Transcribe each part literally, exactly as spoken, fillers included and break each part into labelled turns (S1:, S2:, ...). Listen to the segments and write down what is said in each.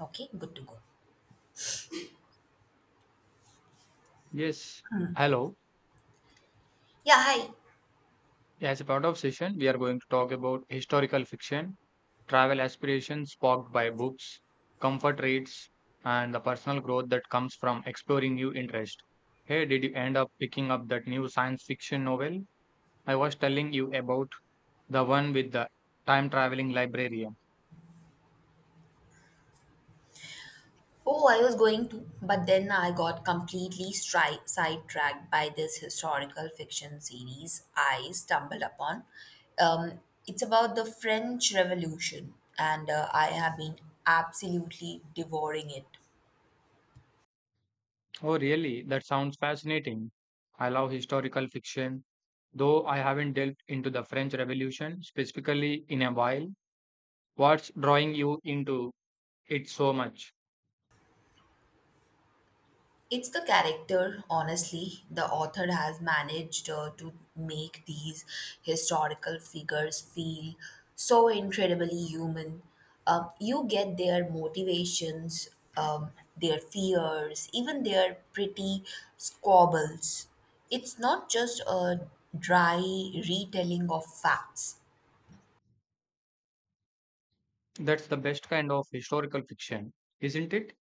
S1: Okay, good to go.
S2: Yes, hello.
S1: Yeah, hi.
S2: As a part of session, we are going to talk about historical fiction, travel aspirations sparked by books, comfort reads, and the personal growth that comes from exploring new interest. Hey, did you end up picking up that new science fiction novel? I was telling you about the one with the time traveling librarian.
S1: Oh, I was going to, but then I got completely stri- sidetracked by this historical fiction series I stumbled upon. Um, it's about the French Revolution, and uh, I have been absolutely devouring it.
S2: Oh, really? That sounds fascinating. I love historical fiction, though I haven't delved into the French Revolution specifically in a while. What's drawing you into It's so much.
S1: It's the character, honestly. The author has managed uh, to make these historical figures feel so incredibly human. Um, you get their motivations, um, their fears, even their pretty squabbles. It's not just a dry retelling of facts.
S2: That's the best kind of historical fiction, isn't it?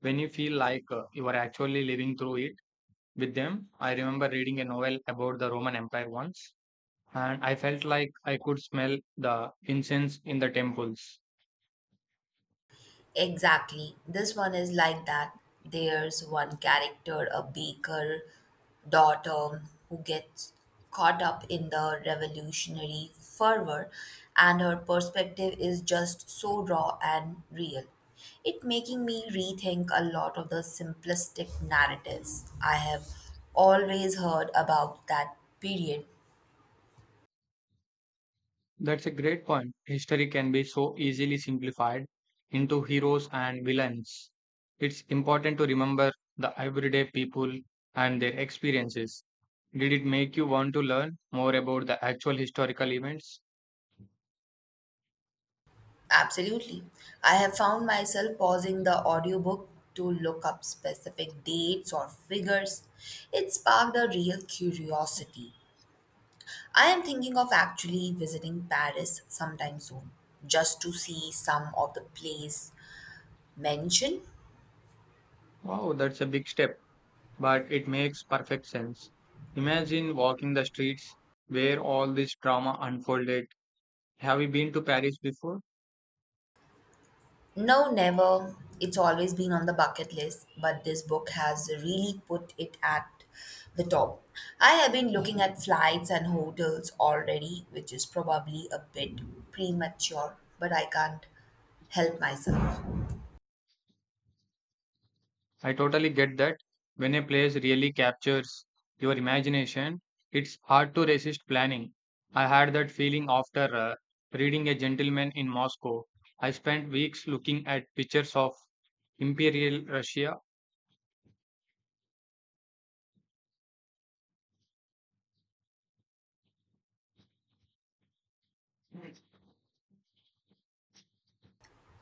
S2: When you feel like uh, you are actually living through it with them. I remember reading a novel about the Roman Empire once, and I felt like I could smell the incense in the temples.
S1: Exactly. This one is like that. There's one character, a baker daughter, who gets caught up in the revolutionary fervor, and her perspective is just so raw and real. It making me rethink a lot of the simplistic narratives I have always heard about that period.
S2: That's a great point. History can be so easily simplified into heroes and villains. It's important to remember the everyday people and their experiences. Did it make you want to learn more about the actual historical events?
S1: Absolutely. I have found myself pausing the audiobook to look up specific dates or figures. It sparked a real curiosity. I am thinking of actually visiting Paris sometime soon, just to see some of the plays mentioned.
S2: Wow, that's a big step, but it makes perfect sense. Imagine walking the streets where all this drama unfolded. Have you been to Paris before?
S1: No, never. It's always been on the bucket list, but this book has really put it at the top. I have been looking at flights and hotels already, which is probably a bit premature, but I can't help myself.
S2: I totally get that. When a place really captures your imagination, it's hard to resist planning. I had that feeling after uh, reading A Gentleman in Moscow. I spent weeks looking at pictures of Imperial Russia.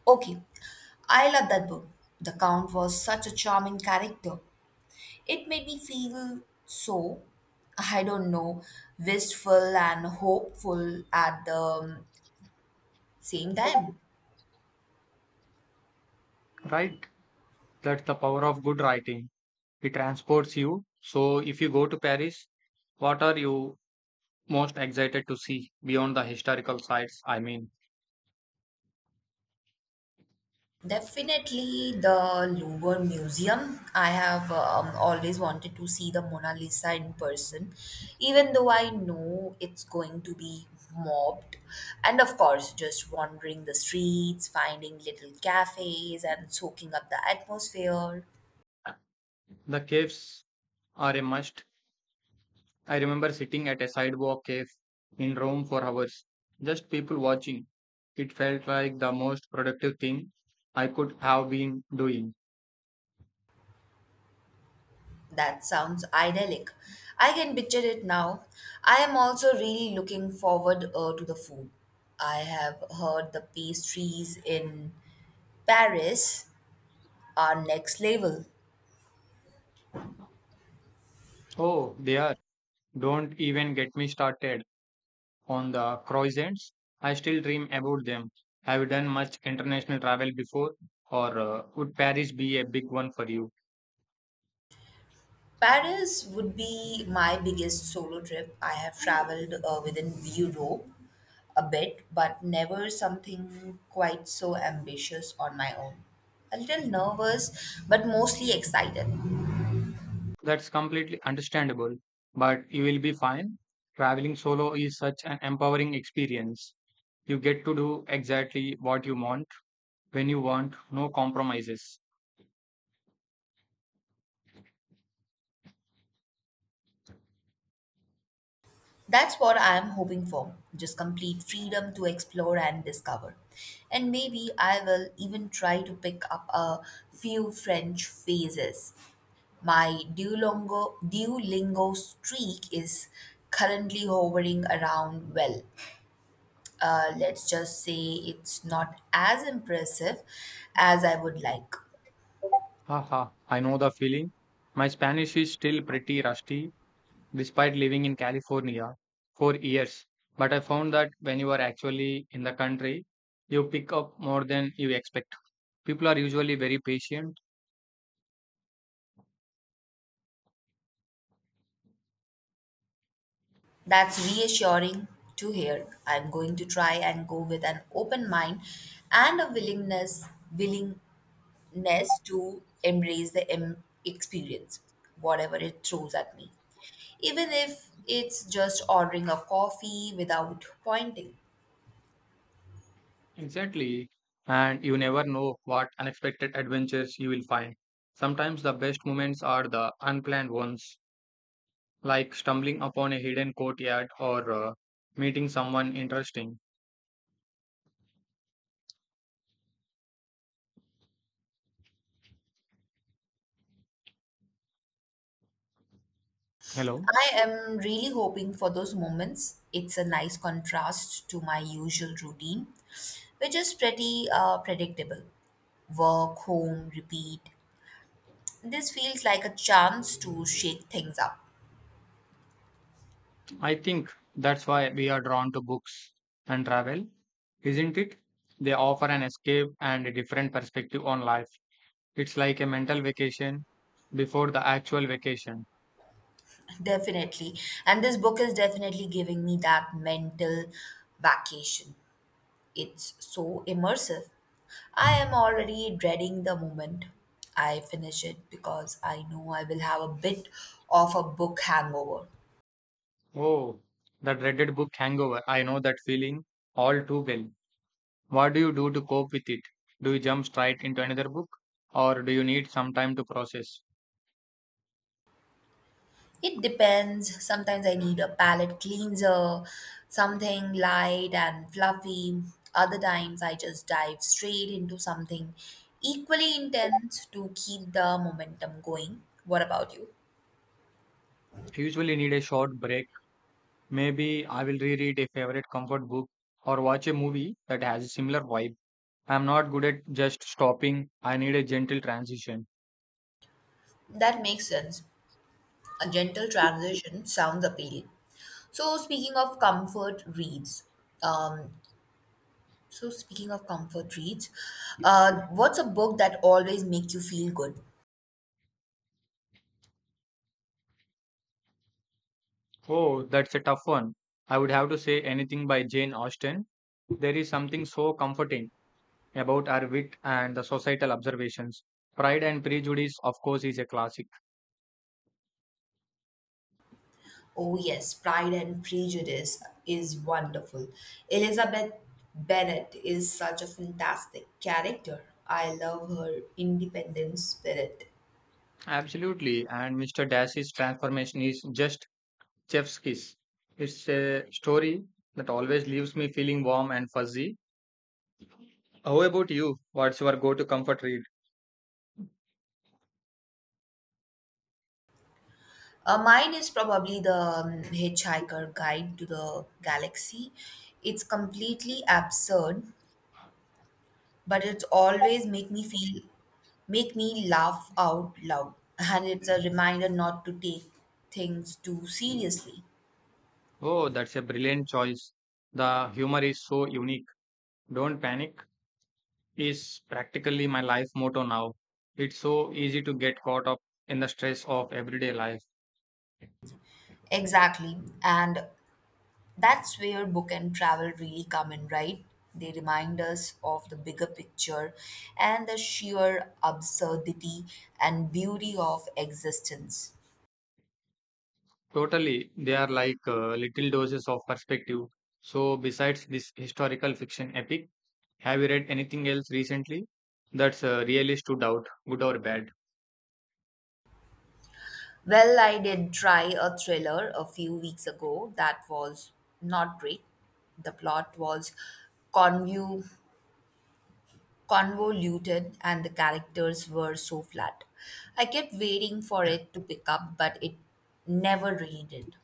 S1: Okay, I love that book. The Count was such a charming character. It made me feel so, I don't know, wistful and hopeful at the um, same time.
S2: Right? That's the power of good writing. It transports you. So if you go to Paris, what are you most excited to see beyond the historical sites? I mean,
S1: Definitely the Louvre Museum. I have um, always wanted to see the Mona Lisa in person, even though I know it's going to be mobbed. And of course, just wandering the streets, finding little cafes, and soaking up the atmosphere.
S2: the caves are a must. I remember sitting at a sidewalk cave in Rome for hours, just people watching. It felt like the most productive thing I could have been doing.
S1: That sounds idyllic. I can picture it now. I am also really looking forward uh, to the food. I have heard the pastries in Paris Our next level.
S2: Oh, they are! Don't even get me started on the croissants. I still dream about them. Have you done much international travel before, or uh, would Paris be a big one for you?
S1: Paris would be my biggest solo trip. I have traveled uh, within Europe a bit, but never something quite so ambitious on my own. A little nervous, but mostly excited.
S2: That's completely understandable, but you will be fine. Traveling solo is such an empowering experience. You get to do exactly what you want, when you want, no compromises.
S1: That's what I'm hoping for just complete freedom to explore and discover. And maybe I will even try to pick up a few French phrases. My Duolingo, Duolingo streak is currently hovering around, well, uh, let's just say it's not as impressive as I would like.
S2: Haha, I know the feeling. My Spanish is still pretty rusty, despite living in California for years. But I found that when you are actually in the country, you pick up more than you expect. People are usually very patient.
S1: That's reassuring to hear. I'm going to try and go with an open mind and a willingness willingness to embrace the em- experience, whatever it throws at me. Even if it's just ordering a coffee without pointing.
S2: Exactly. And you never know what unexpected adventures you will find. Sometimes the best moments are the unplanned ones, like stumbling upon a hidden courtyard or uh, meeting someone interesting. Hello.
S1: I am really hoping for those moments. It's a nice contrast to my usual routine, which is pretty uh, predictable work, home, repeat. This feels like a chance to shake things up.
S2: I think that's why we are drawn to books and travel, isn't it? They offer an escape and a different perspective on life. It's like a mental vacation before the actual vacation.
S1: Definitely, and this book is definitely giving me that mental vacation. It's so immersive. I am already dreading the moment I finish it because I know I will have a bit of a book hangover.
S2: Oh, the dreaded book hangover. I know that feeling all too well. What do you do to cope with it? Do you jump straight into another book or do you need some time to process?
S1: It depends. Sometimes I need a palette cleanser, something light and fluffy. Other times I just dive straight into something equally intense to keep the momentum going. What about you?
S2: I usually need a short break. Maybe I will reread a favorite comfort book or watch a movie that has a similar vibe. I'm not good at just stopping. I need a gentle transition.
S1: That makes sense. A gentle transition sounds appealing. So speaking of comfort reads, um, so speaking of comfort reads, uh, what's a book that always make you feel good?
S2: Oh, that's a tough one. I would have to say anything by Jane Austen. There is something so comforting about our wit and the societal observations. Pride and Prejudice, of course, is a classic.
S1: Oh, yes, Pride and Prejudice is wonderful. Elizabeth Bennet is such a fantastic character. I love her independent spirit.
S2: Absolutely, and Mister Dash's transformation is just chef's kiss. It's a story that always leaves me feeling warm and fuzzy. How about you? What's your go-to comfort read?
S1: Uh, mine is probably the um, Hitchhiker Guide to the Galaxy. It's completely absurd, but it's always make me feel make me laugh out loud, and it's a reminder not to take things too seriously.
S2: Oh, that's a brilliant choice. The humor is so unique. Don't panic is practically my life motto now. It's so easy to get caught up in the stress of everyday life.
S1: Exactly. And that's where book and travel really come in, right? They remind us of the bigger picture and the sheer absurdity and beauty of existence.
S2: Totally, they are like uh, little doses of perspective. So, besides this historical fiction epic, have you read anything else recently that's uh, really stood out, good or bad?
S1: Well, I did try a thriller a few weeks ago that was not great. The plot was convu- convoluted and the characters were so flat. I kept waiting for it to pick up, but it never really did.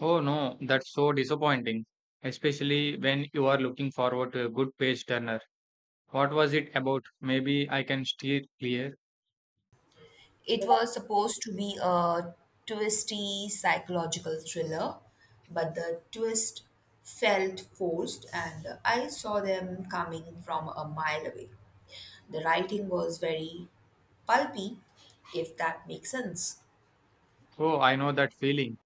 S2: Oh no, that's so disappointing, especially when you are looking forward to a good page turner. What was it about? Maybe I can steer clear.
S1: It was supposed to be a twisty psychological thriller, but the twist felt forced, and I saw them coming from a mile away. The writing was very pulpy, if that makes sense.
S2: Oh, I know that feeling.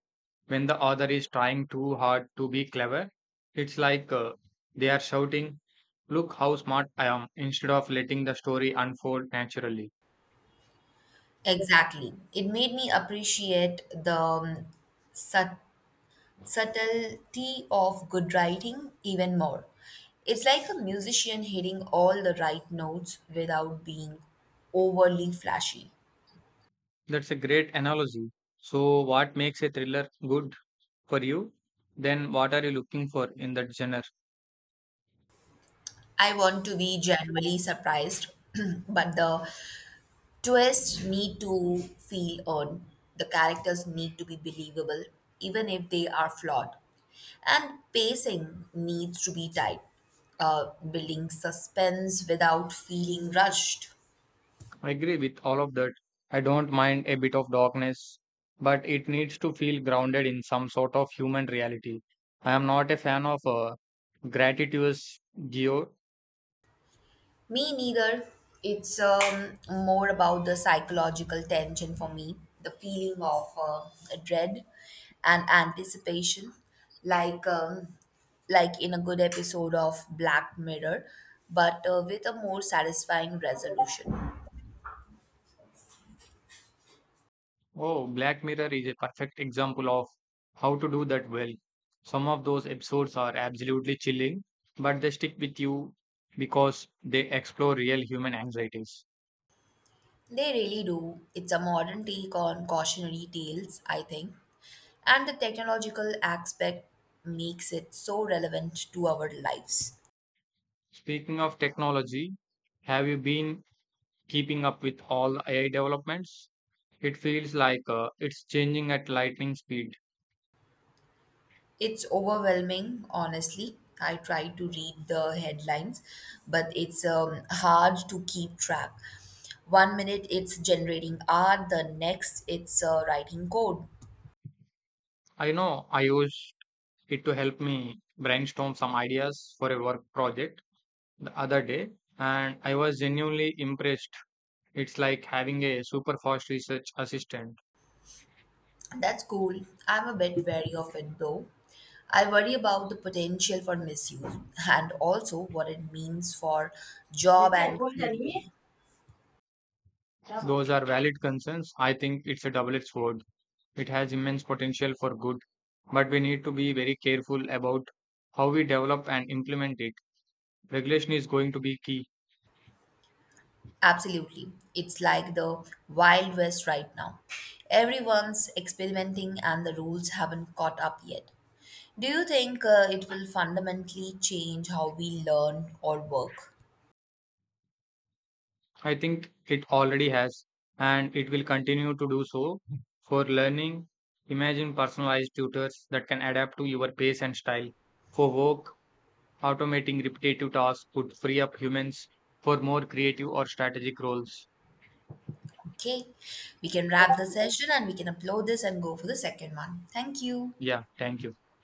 S2: When the author is trying too hard to be clever, it's like uh, they are shouting, Look how smart I am, instead of letting the story unfold naturally.
S1: Exactly. It made me appreciate the um, sat- subtlety of good writing even more. It's like a musician hitting all the right notes without being overly flashy.
S2: That's a great analogy. So, what makes a thriller good? For you, then what are you looking for in that genre?
S1: I want to be genuinely surprised, but the twists need to feel earned. The characters need to be believable, even if they are flawed. And pacing needs to be tight, uh, building suspense without feeling rushed.
S2: I agree with all of that. I don't mind a bit of darkness, but it needs to feel grounded in some sort of human reality. I am not a fan of uh, gratuitous geo.
S1: Me neither. It's um, more about the psychological tension for me, the feeling of uh, dread and anticipation, like um, like in a good episode of Black Mirror, but uh, with a more satisfying resolution.
S2: Oh, Black Mirror is a perfect example of how to do that well. Some of those episodes are absolutely chilling, but they stick with you because they explore real human anxieties.
S1: They really do. It's a modern take on cautionary tales, I think, and the technological aspect makes it so relevant to our lives.
S2: Speaking of technology, have you been keeping up with all A I developments. It feels like uh, it's changing at lightning speed.
S1: It's overwhelming, honestly. I try to read the headlines, but it's um, hard to keep track. One minute it's generating art, the next it's uh, writing code.
S2: I know I used it to help me brainstorm some ideas for a work project the other day, and I was genuinely impressed. It's like having a super fast research assistant.
S1: That's cool. I'm a bit wary of it though. I worry about the potential for misuse and also what it means for job and creativity.
S2: Those are valid concerns. I think it's a double edged sword. It has immense potential for good, but we need to be very careful about how we develop and implement it. Regulation is going to be key.
S1: Absolutely. It's like the Wild West right now. Everyone's experimenting and the rules haven't caught up yet. Do you think uh, it will fundamentally change how we learn or work?
S2: I think it already has, and it will continue to do so. For learning, imagine personalized tutors that can adapt to your pace and style. For work, automating repetitive tasks could free up humans for more creative or strategic roles.
S1: Okay, we can wrap the session and we can upload this and go for the second one. Thank you.
S2: Yeah, thank you.